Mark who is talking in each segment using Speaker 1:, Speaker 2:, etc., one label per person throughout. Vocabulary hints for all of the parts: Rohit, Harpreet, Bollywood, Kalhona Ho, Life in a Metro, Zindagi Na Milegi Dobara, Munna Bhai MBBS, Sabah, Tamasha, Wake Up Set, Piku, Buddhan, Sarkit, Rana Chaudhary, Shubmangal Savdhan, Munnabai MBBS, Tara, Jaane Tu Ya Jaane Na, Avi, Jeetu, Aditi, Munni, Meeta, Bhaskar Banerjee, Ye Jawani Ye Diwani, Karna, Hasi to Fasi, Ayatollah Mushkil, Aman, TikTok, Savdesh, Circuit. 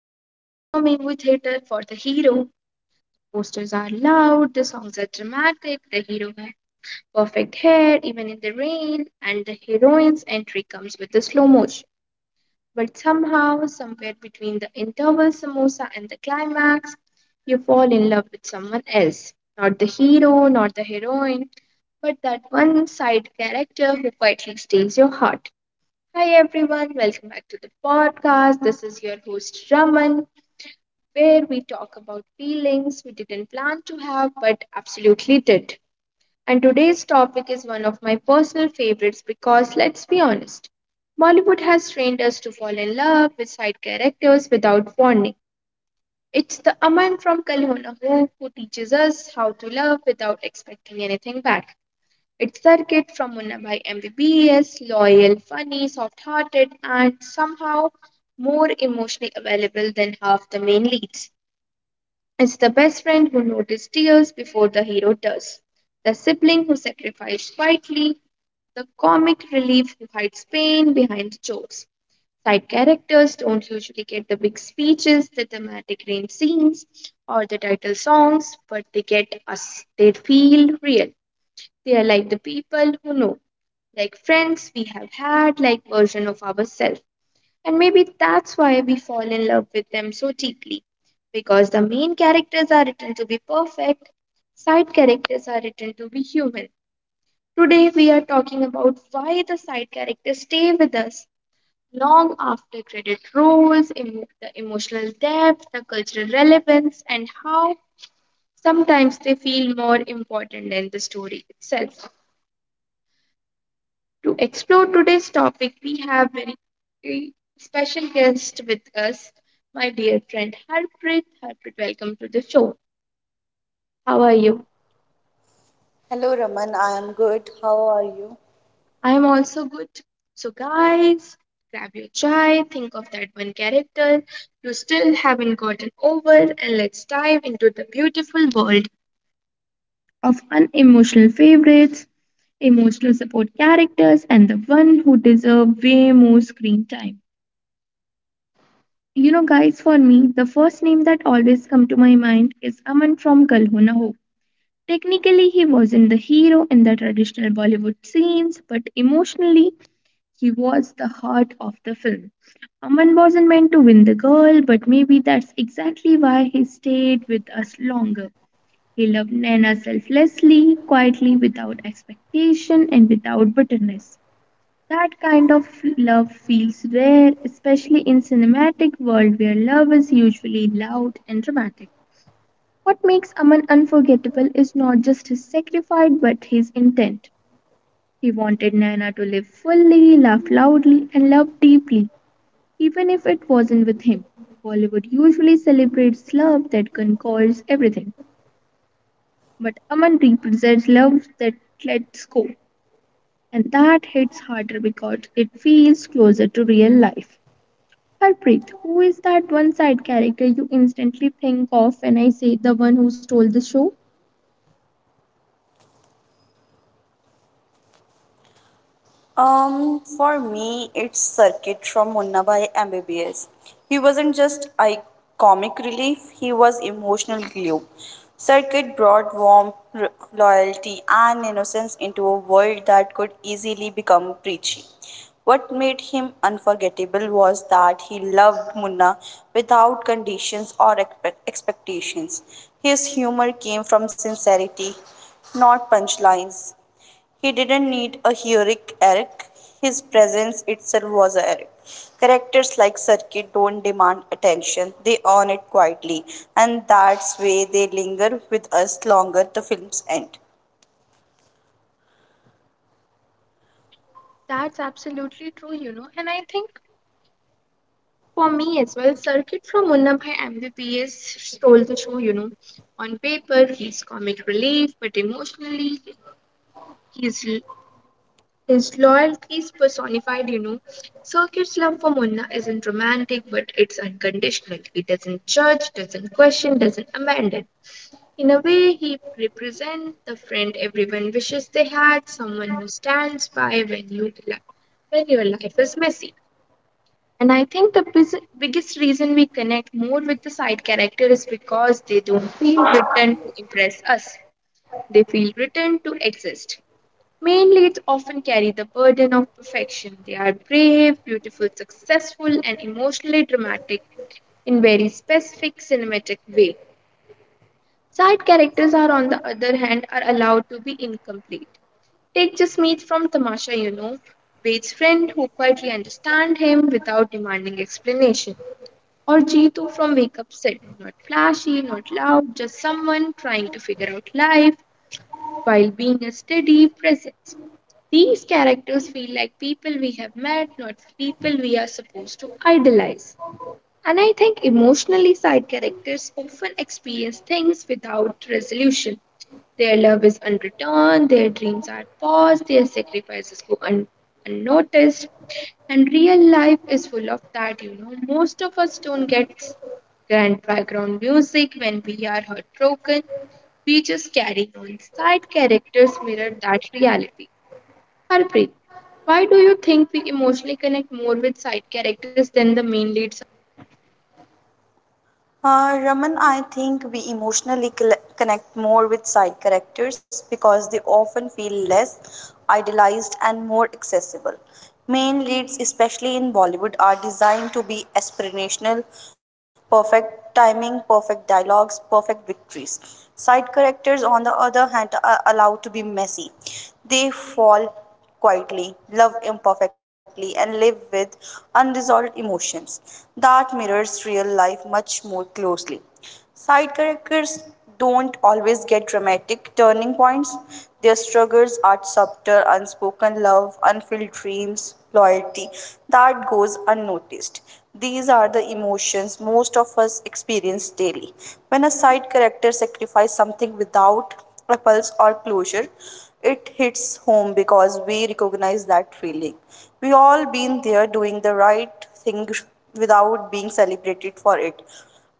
Speaker 1: you walk into a movie theater for the hero. Posters are loud, the songs are dramatic, the hero has perfect hair, even in the rain, and the heroine's entry comes with the slow motion. But somehow, somewhere between the interval samosa and the climax, you fall in love with someone else. Not the hero, not the heroine, but that one side character who quietly steals your heart. Hi everyone, welcome back to the podcast. This is your host Raman, where we talk about feelings we didn't plan to have but absolutely did. And today's topic is one of my personal favorites because let's be honest, Bollywood has trained us to fall in love with side characters without warning. It's the Aman from Kal Ho Na Ho who teaches us how to love without expecting anything back. It's Sarkit from Munnabai MBBS, loyal, funny, soft hearted, and somehow more emotionally available than half the main leads. It's the best friend who notices tears before the hero does, the sibling who sacrifices quietly, the comic relief who hides pain behind jokes. Side characters don't usually get the big speeches, the dramatic rain scenes, or the title songs, but they get us. They feel real. They are like the people who know, like friends we have had, like version of ourselves. And maybe that's why we fall in love with them so deeply. Because the main characters are written to be perfect, side characters are written to be human. Today we are talking about why the side characters stay with us long after credit rolls, the emotional depth, the cultural relevance, and how sometimes they feel more important than the story itself. To explore today's topic, we have very very special guest with us, my dear friend Harpreet. Harpreet, welcome to the show. How are you?
Speaker 2: Hello, Raman. I am good. How are you?
Speaker 1: I am also good. So, guys, grab your chai, think of that one character you still haven't gotten over, and let's dive into the beautiful world of unemotional favorites, emotional support characters, and the one who deserve way more screen time. You know, guys, for me, the first name that always come to my mind is Aman from Kalhona Ho. Technically, he wasn't the hero in the traditional Bollywood scenes, but emotionally, he was the heart of the film. Aman wasn't meant to win the girl, but maybe that's exactly why he stayed with us longer. He loved Naina selflessly, quietly, without expectation, and without bitterness. That kind of love feels rare, especially in cinematic world where love is usually loud and dramatic. What makes Aman unforgettable is not just his sacrifice but his intent. He wanted Naina to live fully, laugh loudly, and love deeply, even if it wasn't with him. Bollywood usually celebrates love that conquers everything, but Aman represents love that lets go, and that hits harder because it feels closer to real life. Harpreet, who is that one side character you instantly think of when I say the one who stole the show?
Speaker 2: For me, it's Circuit from Munna Bhai MBBS. He wasn't just a comic relief, he was emotional glue. Circuit brought warmth, loyalty, and innocence into a world that could easily become preachy. What made him unforgettable was that he loved Munna without conditions or expectations. His humor came from sincerity, not punchlines. He didn't need a heroic arc, his presence itself was a arc. Characters like Circuit don't demand attention, they earn it quietly, and that's why they linger with us longer the films end.
Speaker 1: That's absolutely true, you know. And I think for me as well, Circuit from Munna Bhai MBPS stole the show, you know. On paper, he's comic relief, but emotionally, he's his loyalty is personified, you know. Circuit's love for Munna isn't romantic, but it's unconditional. He doesn't judge, doesn't question, doesn't abandon. In a way, he represents the friend everyone wishes they had, someone who stands by when when your life is messy. And I think the biggest reason we connect more with the side character is because they don't feel written to impress us, they feel written to exist. Main leads often carry the burden of perfection. They are brave, beautiful, successful, and emotionally dramatic in very specific cinematic way. Side characters are on the other hand are allowed to be incomplete. Take Jasmeet from Tamasha, you know, Wade's friend who quietly understands him without demanding explanation. Or Jeetu from Wake Up Set, not flashy, not loud, just someone trying to figure out life while being a steady presence. These characters feel like people we have met, not people we are supposed to idolize. And I think emotionally side characters often experience things without resolution. Their love is unreturned, their dreams are paused, their sacrifices go unnoticed. And real life is full of that, you know. Most of us don't get grand background music when we are heartbroken. We just carry on. Side characters mirror that reality. Harpreet, why do you think we emotionally connect more with side characters than the main leads?
Speaker 2: Raman, I think we emotionally connect more with side characters because they often feel less idealized and more accessible. Main leads, especially in Bollywood, are designed to be aspirational, perfect timing, perfect dialogues, perfect victories. Side characters, on the other hand, are allowed to be messy. They fall quietly, love imperfectly, and live with unresolved emotions that mirrors real life much more closely. Side characters don't always get dramatic turning points. Their struggles are subtle, unspoken love, unfulfilled dreams, loyalty that goes unnoticed. These are the emotions most of us experience daily. When a side character sacrifices something without a pulse or closure, it hits home because we recognize that feeling. We all been there, doing the right thing without being celebrated for it.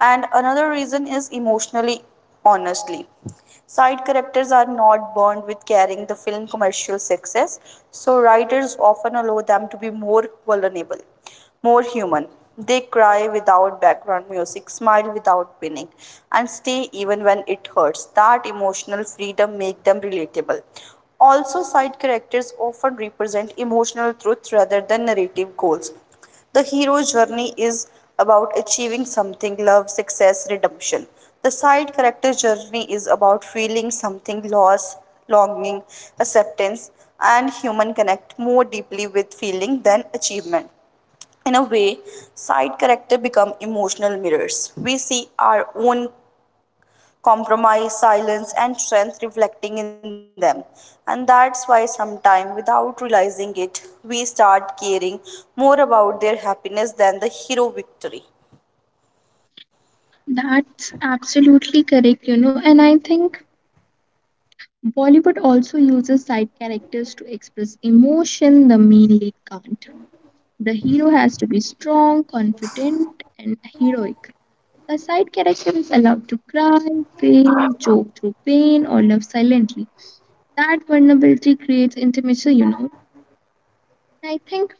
Speaker 2: And another reason is emotionally, honestly, side characters are not born with carrying the film commercial success, so writers often allow them to be more vulnerable, more human. They cry without background music, smile without pinning, and stay even when it hurts. That emotional freedom makes them relatable. Also, side characters often represent emotional truth rather than narrative goals. The hero's journey is about achieving something, love, success, redemption. The side character's journey is about feeling something, loss, longing, acceptance, and human connect more deeply with feeling than achievement. In a way, side characters become emotional mirrors. We see our own compromise, silence, and strength reflecting in them. And that's why sometimes, without realizing it, we start caring more about their happiness than the hero victory.
Speaker 1: That's absolutely correct, you know, and I think Bollywood also uses side characters to express emotion the main lead can't. The hero has to be strong, confident, and heroic. The side character is allowed to cry, fail, joke through pain, or love silently. That vulnerability creates intimacy, you know. And I think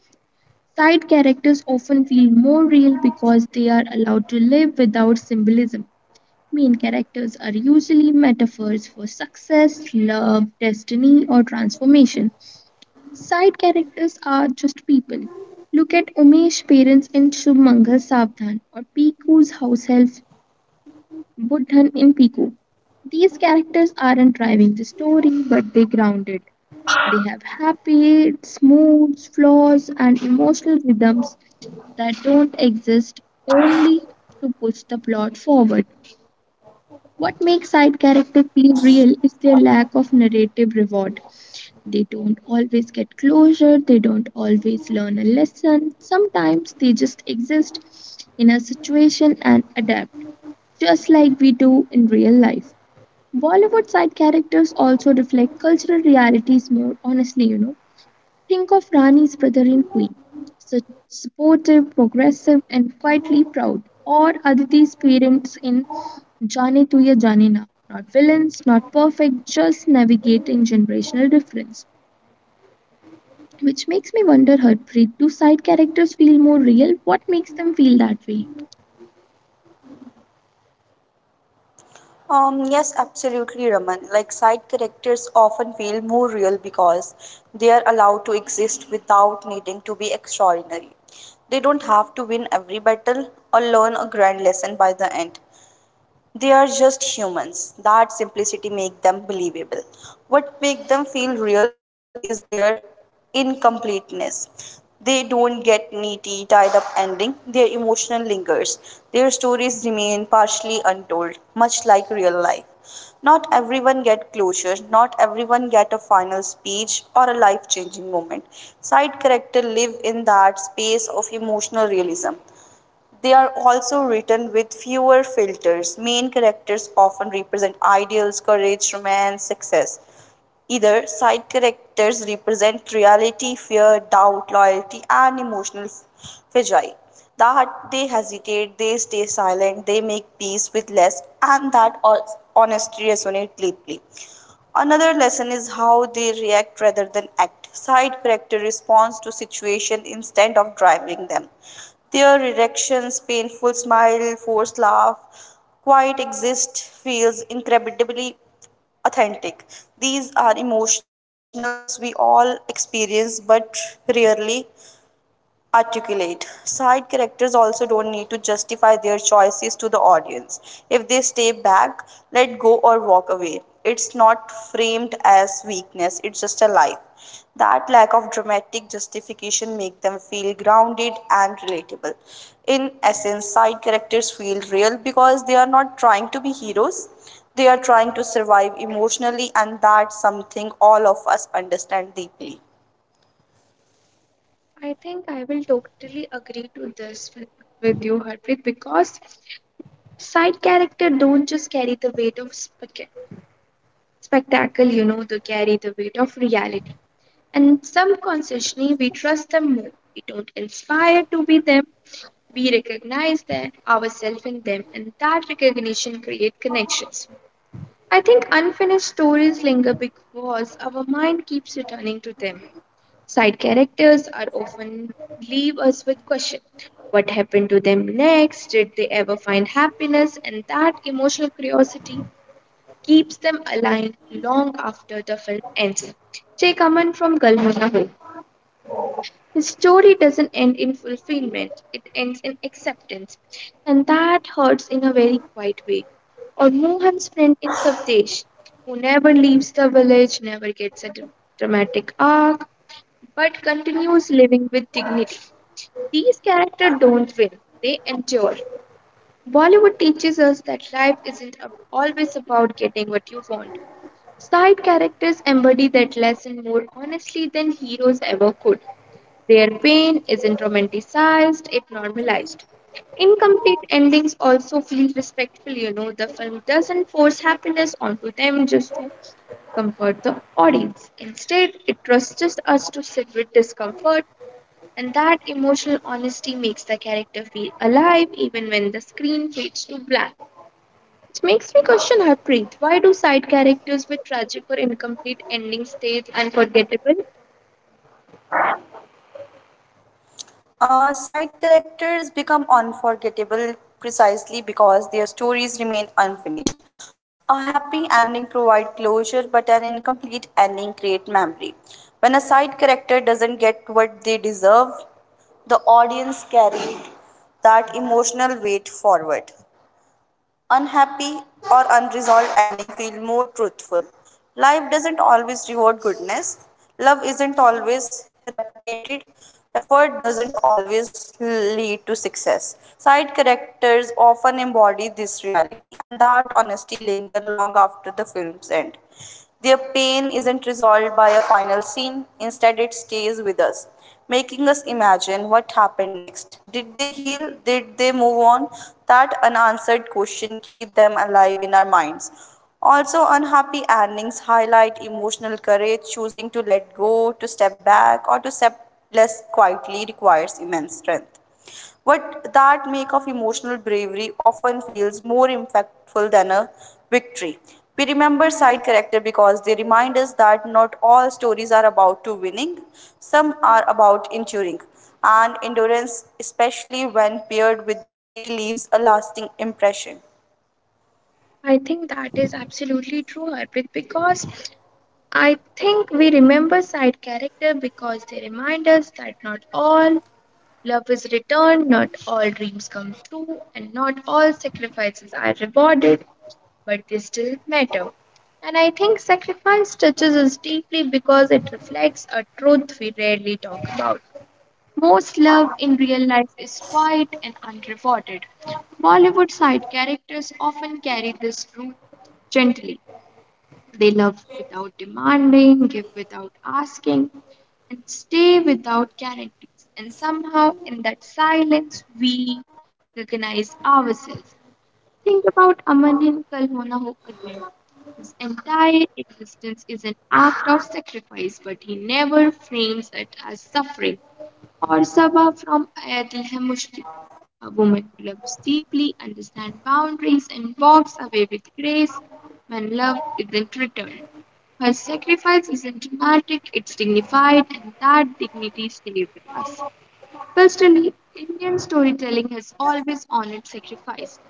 Speaker 1: side characters often feel more real because they are allowed to live without symbolism. Main characters are usually metaphors for success, love, destiny, or transformation. Side characters are just people. Look at Umesh's parents in Shubmangal Savdhan or Piku's house help Buddhan in Piku. These characters aren't driving the story, but they ground it. They have habits, moods, flaws, and emotional rhythms that don't exist only to push the plot forward. What makes side characters feel real is their lack of narrative reward. They don't always get closure, they don't always learn a lesson. Sometimes they just exist in a situation and adapt, just like we do in real life. Bollywood side characters also reflect cultural realities more honestly, you know. Think of Rani's brother in Queen, su- supportive, progressive, and quietly proud, or Aditi's parents in Jaane Tu Ya Jaane Na. Not villains, not perfect, just navigating generational difference. Which makes me wonder, Harpreet, do side characters feel more real? What makes them feel that way?
Speaker 2: Yes, absolutely, Raman. Like side characters often feel more real because they are allowed to exist without needing to be extraordinary. They don't have to win every battle or learn a grand lesson by the end. They are just humans. That simplicity makes them believable. What makes them feel real is their incompleteness. They don't get needy, tied up ending. Their emotional lingers. Their stories remain partially untold, much like real life. Not everyone get closure, not everyone get a final speech or a life-changing moment. Side character live in that space of emotional realism. They are also written with fewer filters. Main characters often represent ideals, courage, romance, success. Either side characters represent reality, fear, doubt, loyalty, and emotional fragile. That they hesitate, they stay silent, they make peace with less, and that all honesty resonates deeply. Another lesson is how they react rather than act. Side character responds to situation instead of driving them. Their reactions, painful smile, forced laugh, quiet exist feels incredibly authentic. These are emotions we all experience but rarely articulate. Side characters also don't need to justify their choices to the audience. If they stay back, let go, or walk away, it's not framed as weakness, it's just a life. That lack of dramatic justification make them feel grounded and relatable. In essence, side characters feel real because they are not trying to be heroes. They are trying to survive emotionally, and that's something all of us understand deeply.
Speaker 1: I think I will totally agree to this with you, Harpreet, because side character don't just carry the weight of spectacle, you know, they carry the weight of reality. And some consciously we trust them more. We don't inspire to be them. We recognize them, ourselves in them, and that recognition create connections. I think unfinished stories linger because our mind keeps returning to them. Side characters are often leave us with question. What happened to them next? Did they ever find happiness? And that emotional curiosity keeps them alive long after the film ends. Take a comment from Galmana, his story doesn't end in fulfillment, it ends in acceptance. And that hurts in a very quiet way. Or Mohan's friend in Savdesh, who never leaves the village, never gets a dramatic arc, but continues living with dignity. These characters don't win, they endure. Bollywood teaches us that life isn't always about getting what you want. Side characters embody that lesson more honestly than heroes ever could. Their pain isn't romanticized, it normalized. Incomplete endings also feel respectful, you know. The film doesn't force happiness onto them just to comfort the audience. Instead, it trusts us to sit with discomfort, and that emotional honesty makes the character feel alive even when the screen fades to black. It makes me question, Harpreet, why do side characters with tragic or incomplete endings stays unforgettable?
Speaker 2: Side characters become unforgettable precisely because their stories remain unfinished. A happy ending provides closure, but an incomplete ending creates memory. When a side character doesn't get what they deserve, the audience carried that emotional weight forward. Unhappy or unresolved ending feel more truthful. Life doesn't always reward goodness. Love isn't always reciprocated. Effort doesn't always lead to success. Side characters often embody this reality, and that honesty linger long after the film's end. Their pain isn't resolved by a final scene, instead, it stays with us making us imagine what happened next. Did they heal? Did they move on? That unanswered question keeps them alive in our minds. Also, unhappy endings highlight emotional courage. Choosing to let go, to step back, or to step less quietly requires immense strength. What that make of emotional bravery often feels more impactful than a victory. We remember side character because they remind us that not all stories are about to winning. Some are about enduring. And endurance, especially when paired with dignity, leaves a lasting impression.
Speaker 1: I think that is absolutely true, Harpreet, because I think we remember side character because they remind us that not all love is returned, not all dreams come true, and not all sacrifices are rewarded, but they still matter. And I think sacrifice touches us deeply because it reflects a truth we rarely talk about. Most love in real life is quiet and unrewarded. Bollywood side characters often carry this root gently. They love without demanding, give without asking, and stay without guarantees. And somehow, in that silence, we recognize ourselves. Think about Aman in Kal Ho Na Ho again. His entire existence is an act of sacrifice, but he never frames it as suffering, or Sabah from Ayatollah Mushkil. A woman who loves deeply, understands boundaries, and walks away with grace when love isn't returned. Her sacrifice isn't dramatic, it's dignified, and that dignity stays with us. Culturally, Indian storytelling has always honored sacrifice,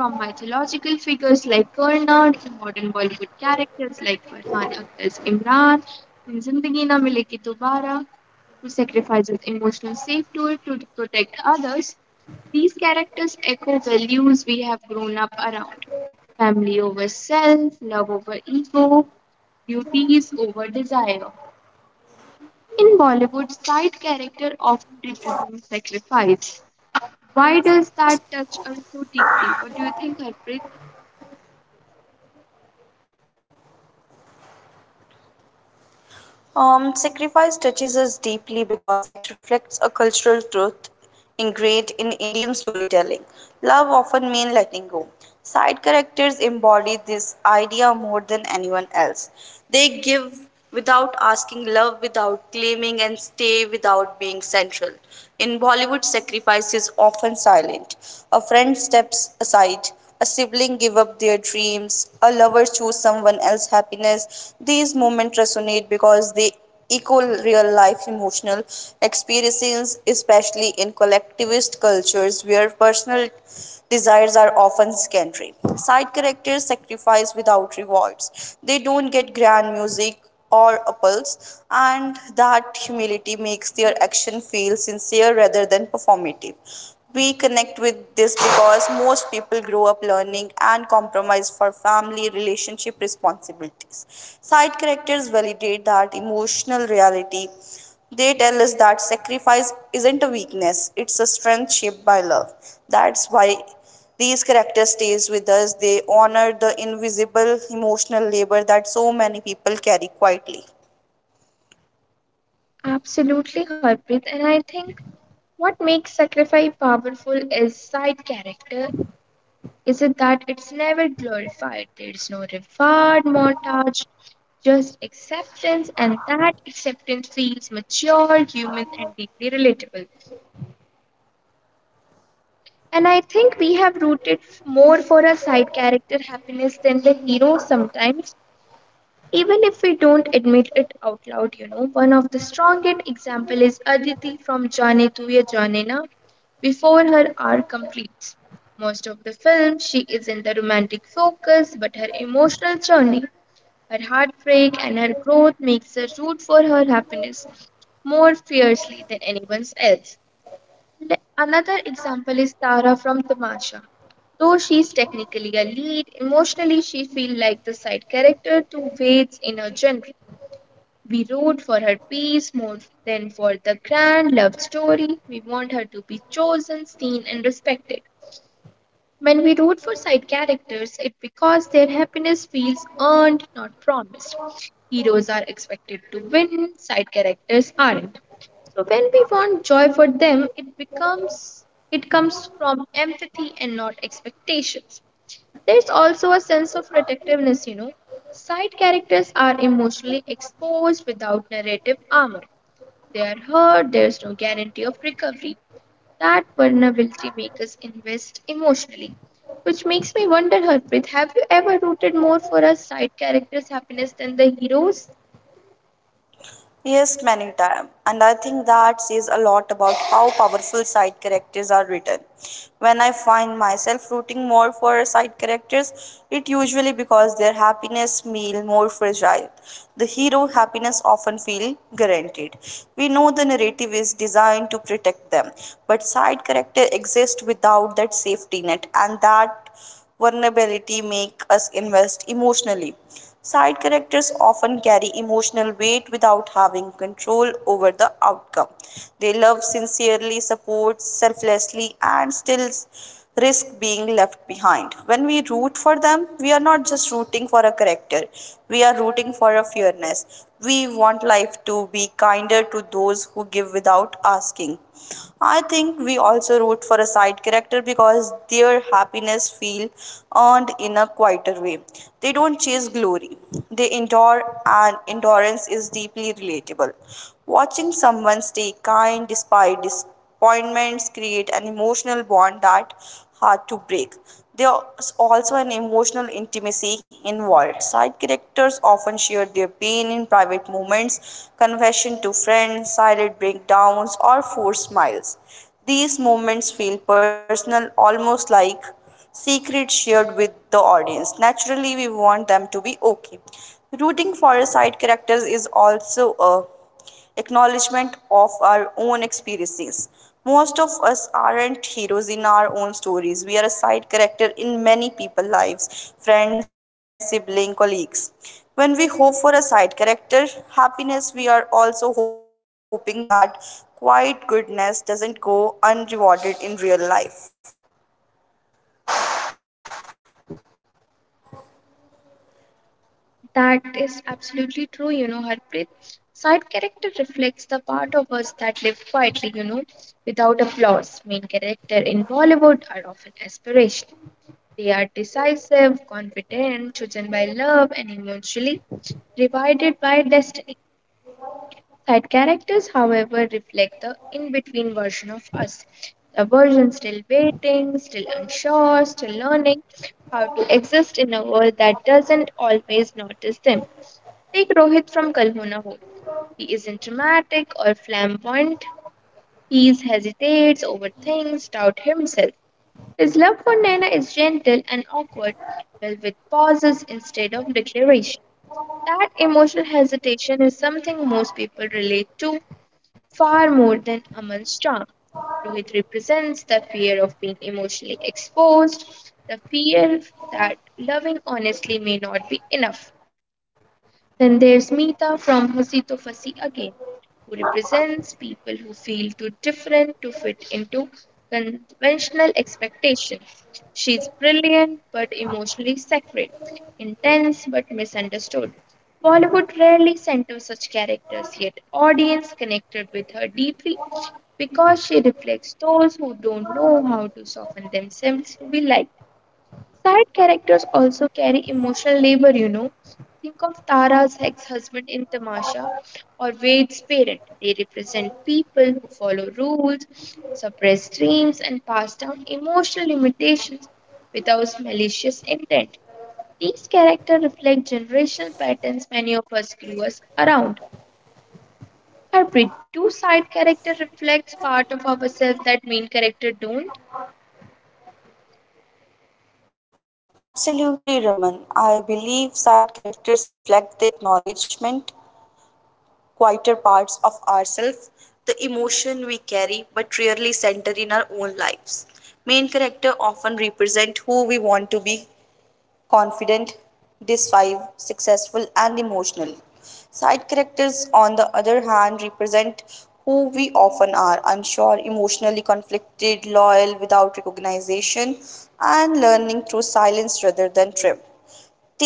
Speaker 1: from mythological figures like Karna to modern Bollywood characters like Farhan Akhtar's Imran in Zindagi Na Milegi Dobara, who sacrifices emotional safety to protect others. These characters echo values we have grown up around, family over self, love over ego, duties over desire. In Bollywood, side character often represents sacrifice, why does that touch us so deeply? What do you think, Harpreet?
Speaker 2: Sacrifice touches us deeply because it reflects a cultural truth ingrained in Indian storytelling. Love often means letting go. Side characters embody this idea more than anyone else. They give without asking, love without claiming, and stay without being central. In Bollywood, sacrifice is often silent. A friend steps aside, a sibling give up their dreams, a lover choose someone else's happiness. These moments resonate because they echo real life emotional experiences, especially in collectivist cultures where personal desires are often secondary. Side characters sacrifice without rewards. They don't get grand music or a pulse, and that humility makes their action feel sincere rather than performative. We connect with this because most people grow up learning and compromise for family relationship responsibilities. Side characters validate that emotional reality. They tell us that sacrifice isn't a weakness, it's a strength shaped by love. That's why these characters stays with us. They honor the invisible emotional labor that so many people carry quietly.
Speaker 1: Absolutely, Harpreet. And I think what makes sacrifice powerful is side character. Is it that it's never glorified? There's no reward montage, just acceptance, and that acceptance feels mature, human, and deeply relatable. And I think we have rooted more for a side character happiness than the hero sometimes. Even if we don't admit it out loud, one of the strongest example is Aditi from Jaane Tu Ya Jaane Na. Before her arc completes, most of the film she is in the romantic focus, but her emotional journey, her heartbreak and her growth makes her root for her happiness more fiercely than anyone else. Another example is Tara from Tamasha. Though she's technically a lead, emotionally she feels like the side character to Wade's inner genre. We root for her peace more than for the grand love story. We want her to be chosen, seen, and respected. When we root for side characters, it's because their happiness feels earned, not promised. Heroes are expected to win, side characters aren't. So when we want joy for them, it comes from empathy and not expectations. There's also a sense of protectiveness, you know. Side characters are emotionally exposed without narrative armor. They are hurt, there's no guarantee of recovery. That vulnerability makes us invest emotionally. Which makes me wonder, Harpreet, have you ever rooted more for a side character's happiness than the heroes?
Speaker 2: Yes, many times. And I think that says a lot about how powerful side characters are written. When I find myself rooting more for side characters, it usually because their happiness feel more fragile. The hero happiness often feel guaranteed. We know the narrative is designed to protect them, but side character exist without that safety net, and that vulnerability make us invest emotionally. Side characters often carry emotional weight without having control over the outcome. They love sincerely, support selflessly, and still risk being left behind. When we root for them, we are not just rooting for a character, we are rooting for a fairness. We want life to be kinder to those who give without asking. I think we also root for a side character because their happiness feel earned in a quieter way. They don't chase glory. They endure, and endurance is deeply relatable. Watching someone stay kind despite appointments create an emotional bond that hard to break. There's also an emotional intimacy involved. Side characters often share their pain in private moments, confession to friends, silent breakdowns, or forced smiles. These moments feel personal, almost like secrets shared with the audience. Naturally, we want them to be okay. Rooting for a side characters is also a acknowledgement of our own experiences. Most of us aren't heroes in our own stories. We are a side character in many people's lives, friends, siblings, colleagues. When we hope for a side character happiness, we are also hoping that quiet goodness doesn't go unrewarded in real life.
Speaker 1: That is absolutely true, you know, Harpreet. Side character reflects the part of us that live quietly, without applause. Main character in Bollywood are often aspirational. They are decisive, confident, chosen by love, and emotionally rewarded by destiny. Side characters, however, reflect the in between version of us. The version still waiting, still unsure, still learning how to exist in a world that doesn't always notice them. Take Rohit from Kalhuna Ho. He isn't dramatic or flamboyant. He hesitates, overthinks, doubts himself. His love for Naina is gentle and awkward, filled with pauses instead of declaration. That emotional hesitation is something most people relate to far more than Aman's charm. Rohit represents the fear of being emotionally exposed, the fear that loving honestly may not be enough. Then there's Meeta from Hasi to Fasi again, who represents people who feel too different to fit into conventional expectations. She's brilliant but emotionally sacred, intense but misunderstood. Bollywood rarely centers such characters, yet audience connected with her deeply because she reflects those who don't know how to soften themselves to be liked. Side characters also carry emotional labor, you know. Think of Tara's ex husband in Tamasha or Wade's parent. They represent people who follow rules, suppress dreams, and pass down emotional limitations without malicious intent. These characters reflect generational patterns many of us grew us around. Two-side character reflects part of ourselves that main character don't.
Speaker 2: Absolutely, Raman. I believe side characters reflect the acknowledgement quieter parts of ourselves, the emotion we carry but rarely center in our own lives. Main character often represent who we want to be, confident, decisive, successful, and emotional. Side characters, on the other hand, represent who we often are, unsure, emotionally conflicted, loyal without recognition, and learning through silence rather than triumph.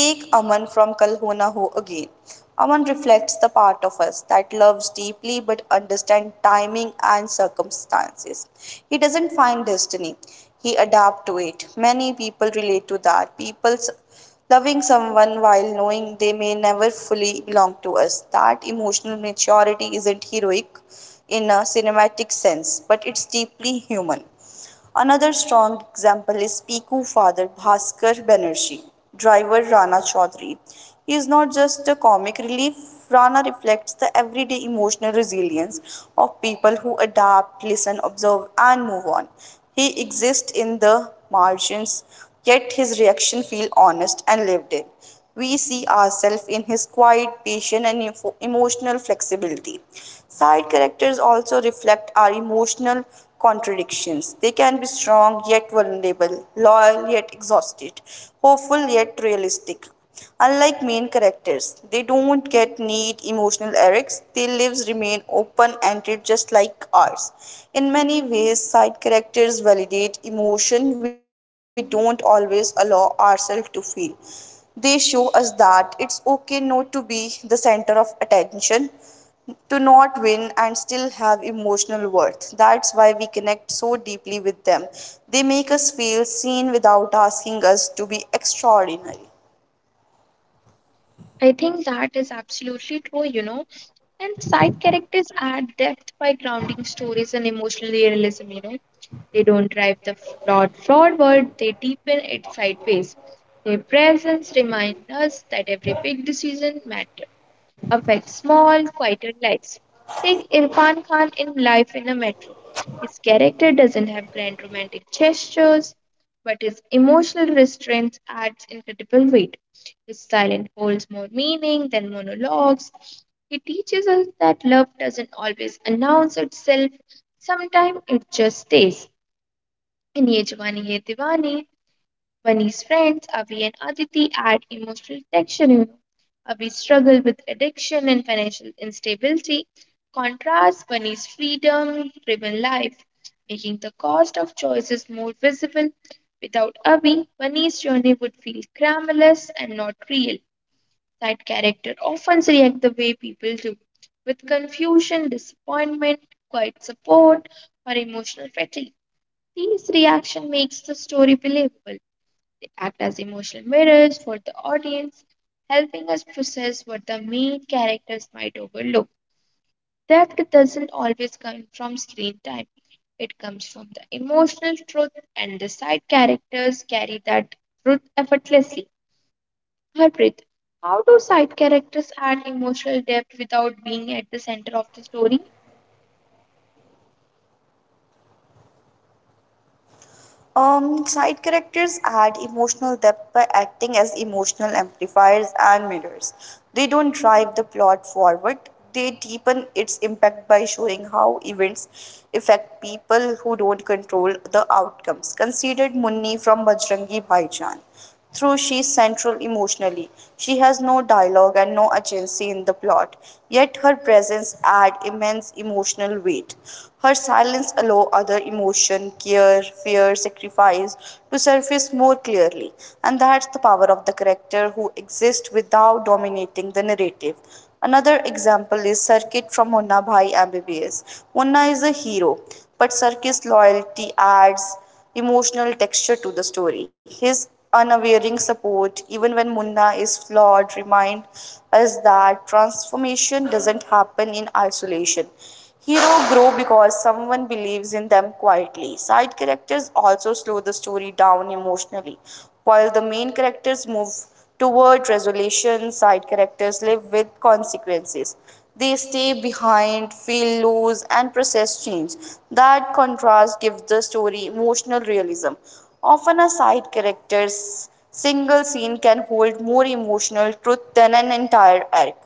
Speaker 2: Take Aman from Kalhona Ho again. Aman reflects the part of us that loves deeply but understands timing and circumstances. He doesn't find destiny, he adapts to it. Many people relate to that. People loving someone while knowing they may never fully belong to us. That emotional maturity isn't heroic in a cinematic sense, but it's deeply human. Another strong example is Piku father Bhaskar Banerjee, driver Rana Chaudhary. He is not just a comic relief, Rana reflects the everyday emotional resilience of people who adapt, listen, observe, and move on. He exists in the margins, yet his reaction feel honest and lived in. We see ourselves in his quiet patient, and emotional flexibility. Side characters also reflect our emotional contradictions. They can be strong yet vulnerable, loyal yet exhausted, hopeful yet realistic. Unlike main characters, they don't get neat emotional arcs. Their lives remain open ended, just like ours. In many ways, side characters validate emotion we don't always allow ourselves to feel. They show us that it's okay not to be the center of attention, to not win and still have emotional worth. That's why we connect so deeply with them. They make us feel seen without asking us to be extraordinary.
Speaker 1: I think that is absolutely true, you know. And side characters add depth by grounding stories in emotional realism, you know. They don't drive the plot forward, they deepen it sideways. Their presence reminds us that every big decision matters. Affect small, quieter lives. Take Irfan Khan in Life in a Metro. His character doesn't have grand romantic gestures, but his emotional restraint adds incredible weight. His silence holds more meaning than monologues. He teaches us that love doesn't always announce itself, sometimes it just stays. In Ye Jawani Ye Diwani, Bunny's friends, Avi and Aditi, add emotional tension. You know. Avi struggle with addiction and financial instability. Contrast Bunny's freedom-driven life, making the cost of choices more visible. Without Avi, Bunny's journey would feel crameless and not real. Side character often react the way people do, with confusion, disappointment, quiet support, or emotional fatigue. These reaction makes the story believable. They act as emotional mirrors for the audience, helping us process what the main characters might overlook. Depth doesn't always come from screen time, it comes from the emotional truth, and the side characters carry that truth effortlessly. Harpreet, how do side characters add emotional depth without being at the center of the story?
Speaker 2: Side characters add emotional depth by acting as emotional amplifiers and mirrors. They don't drive the plot forward, they deepen its impact by showing how events affect people who don't control the outcomes. Considered Munni from Bajrangi Bhaijaan. Through she's central emotionally, she has no dialogue and no agency in the plot. Yet her presence adds immense emotional weight. Her silence allows other emotion, care, fear, sacrifice to surface more clearly. And that's the power of the character who exists without dominating the narrative. Another example is Circuit from Munna Bhai MBBS. Munna is a hero, but Circuit's loyalty adds emotional texture to the story. His unwavering support, even when Munna is flawed, remind us that transformation doesn't happen in isolation. Hero grow because someone believes in them quietly. Side characters also slow the story down emotionally. While the main characters move toward resolution, side characters live with consequences. They stay behind, feel loss, and process change. That contrast gives the story emotional realism. Often, a side character's single scene can hold more emotional truth than an entire arc.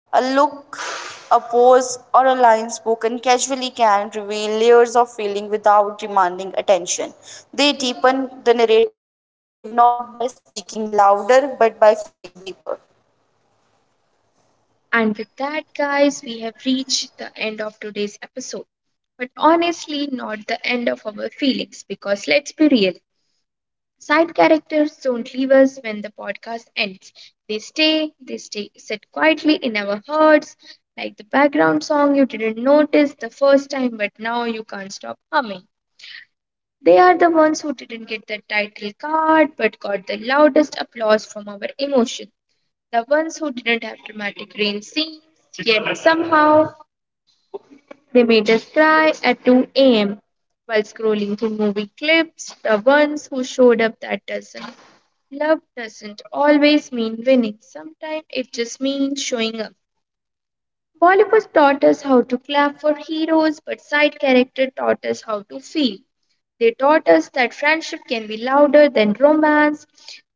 Speaker 2: A look, a pause, or a line spoken casually can reveal layers of feeling without demanding attention. They deepen the narrative not by speaking louder but by feeling deeper.
Speaker 1: And with that, guys, we have reached the end of today's episode, but honestly not the end of our feelings, because let's be real, side characters don't leave us when the podcast ends. They stay, sit quietly in our hearts, like the background song you didn't notice the first time, but now you can't stop humming. They are the ones who didn't get the title card, but got the loudest applause from our emotions. The ones who didn't have dramatic rain scenes, yet somehow they made us cry at 2 a.m. while scrolling through movie clips. The ones who showed up that doesn't. Love doesn't always mean winning, sometimes it just means showing up. Bollywood taught us how to clap for heroes, but side character taught us how to feel. They taught us that friendship can be louder than romance,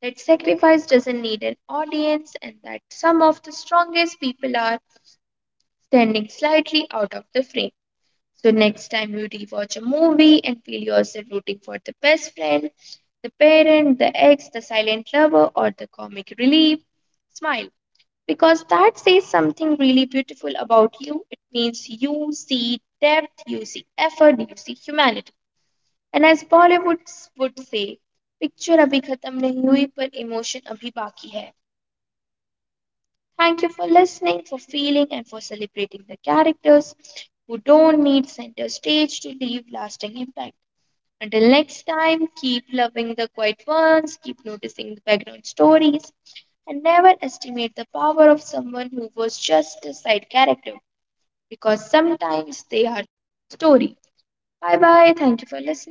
Speaker 1: that sacrifice doesn't need an audience, and that some of the strongest people are standing slightly out of the frame. So next time you rewatch a movie and feel yourself rooting for the best friend, the parent, the ex, the silent lover, or the comic relief, smile, because that says something really beautiful about you. It means you see depth, you see effort, you see humanity. And as Bollywood would say, picture abhi khatam nahi hui par emotion abhi baki hai. Thank you for listening, for feeling, and for celebrating the characters who don't need center stage to leave lasting impact. Until next time, keep loving the quiet ones, keep noticing the background stories, and never estimate the power of someone who was just a side character, because sometimes they are the story. Bye bye. Thank you for listening.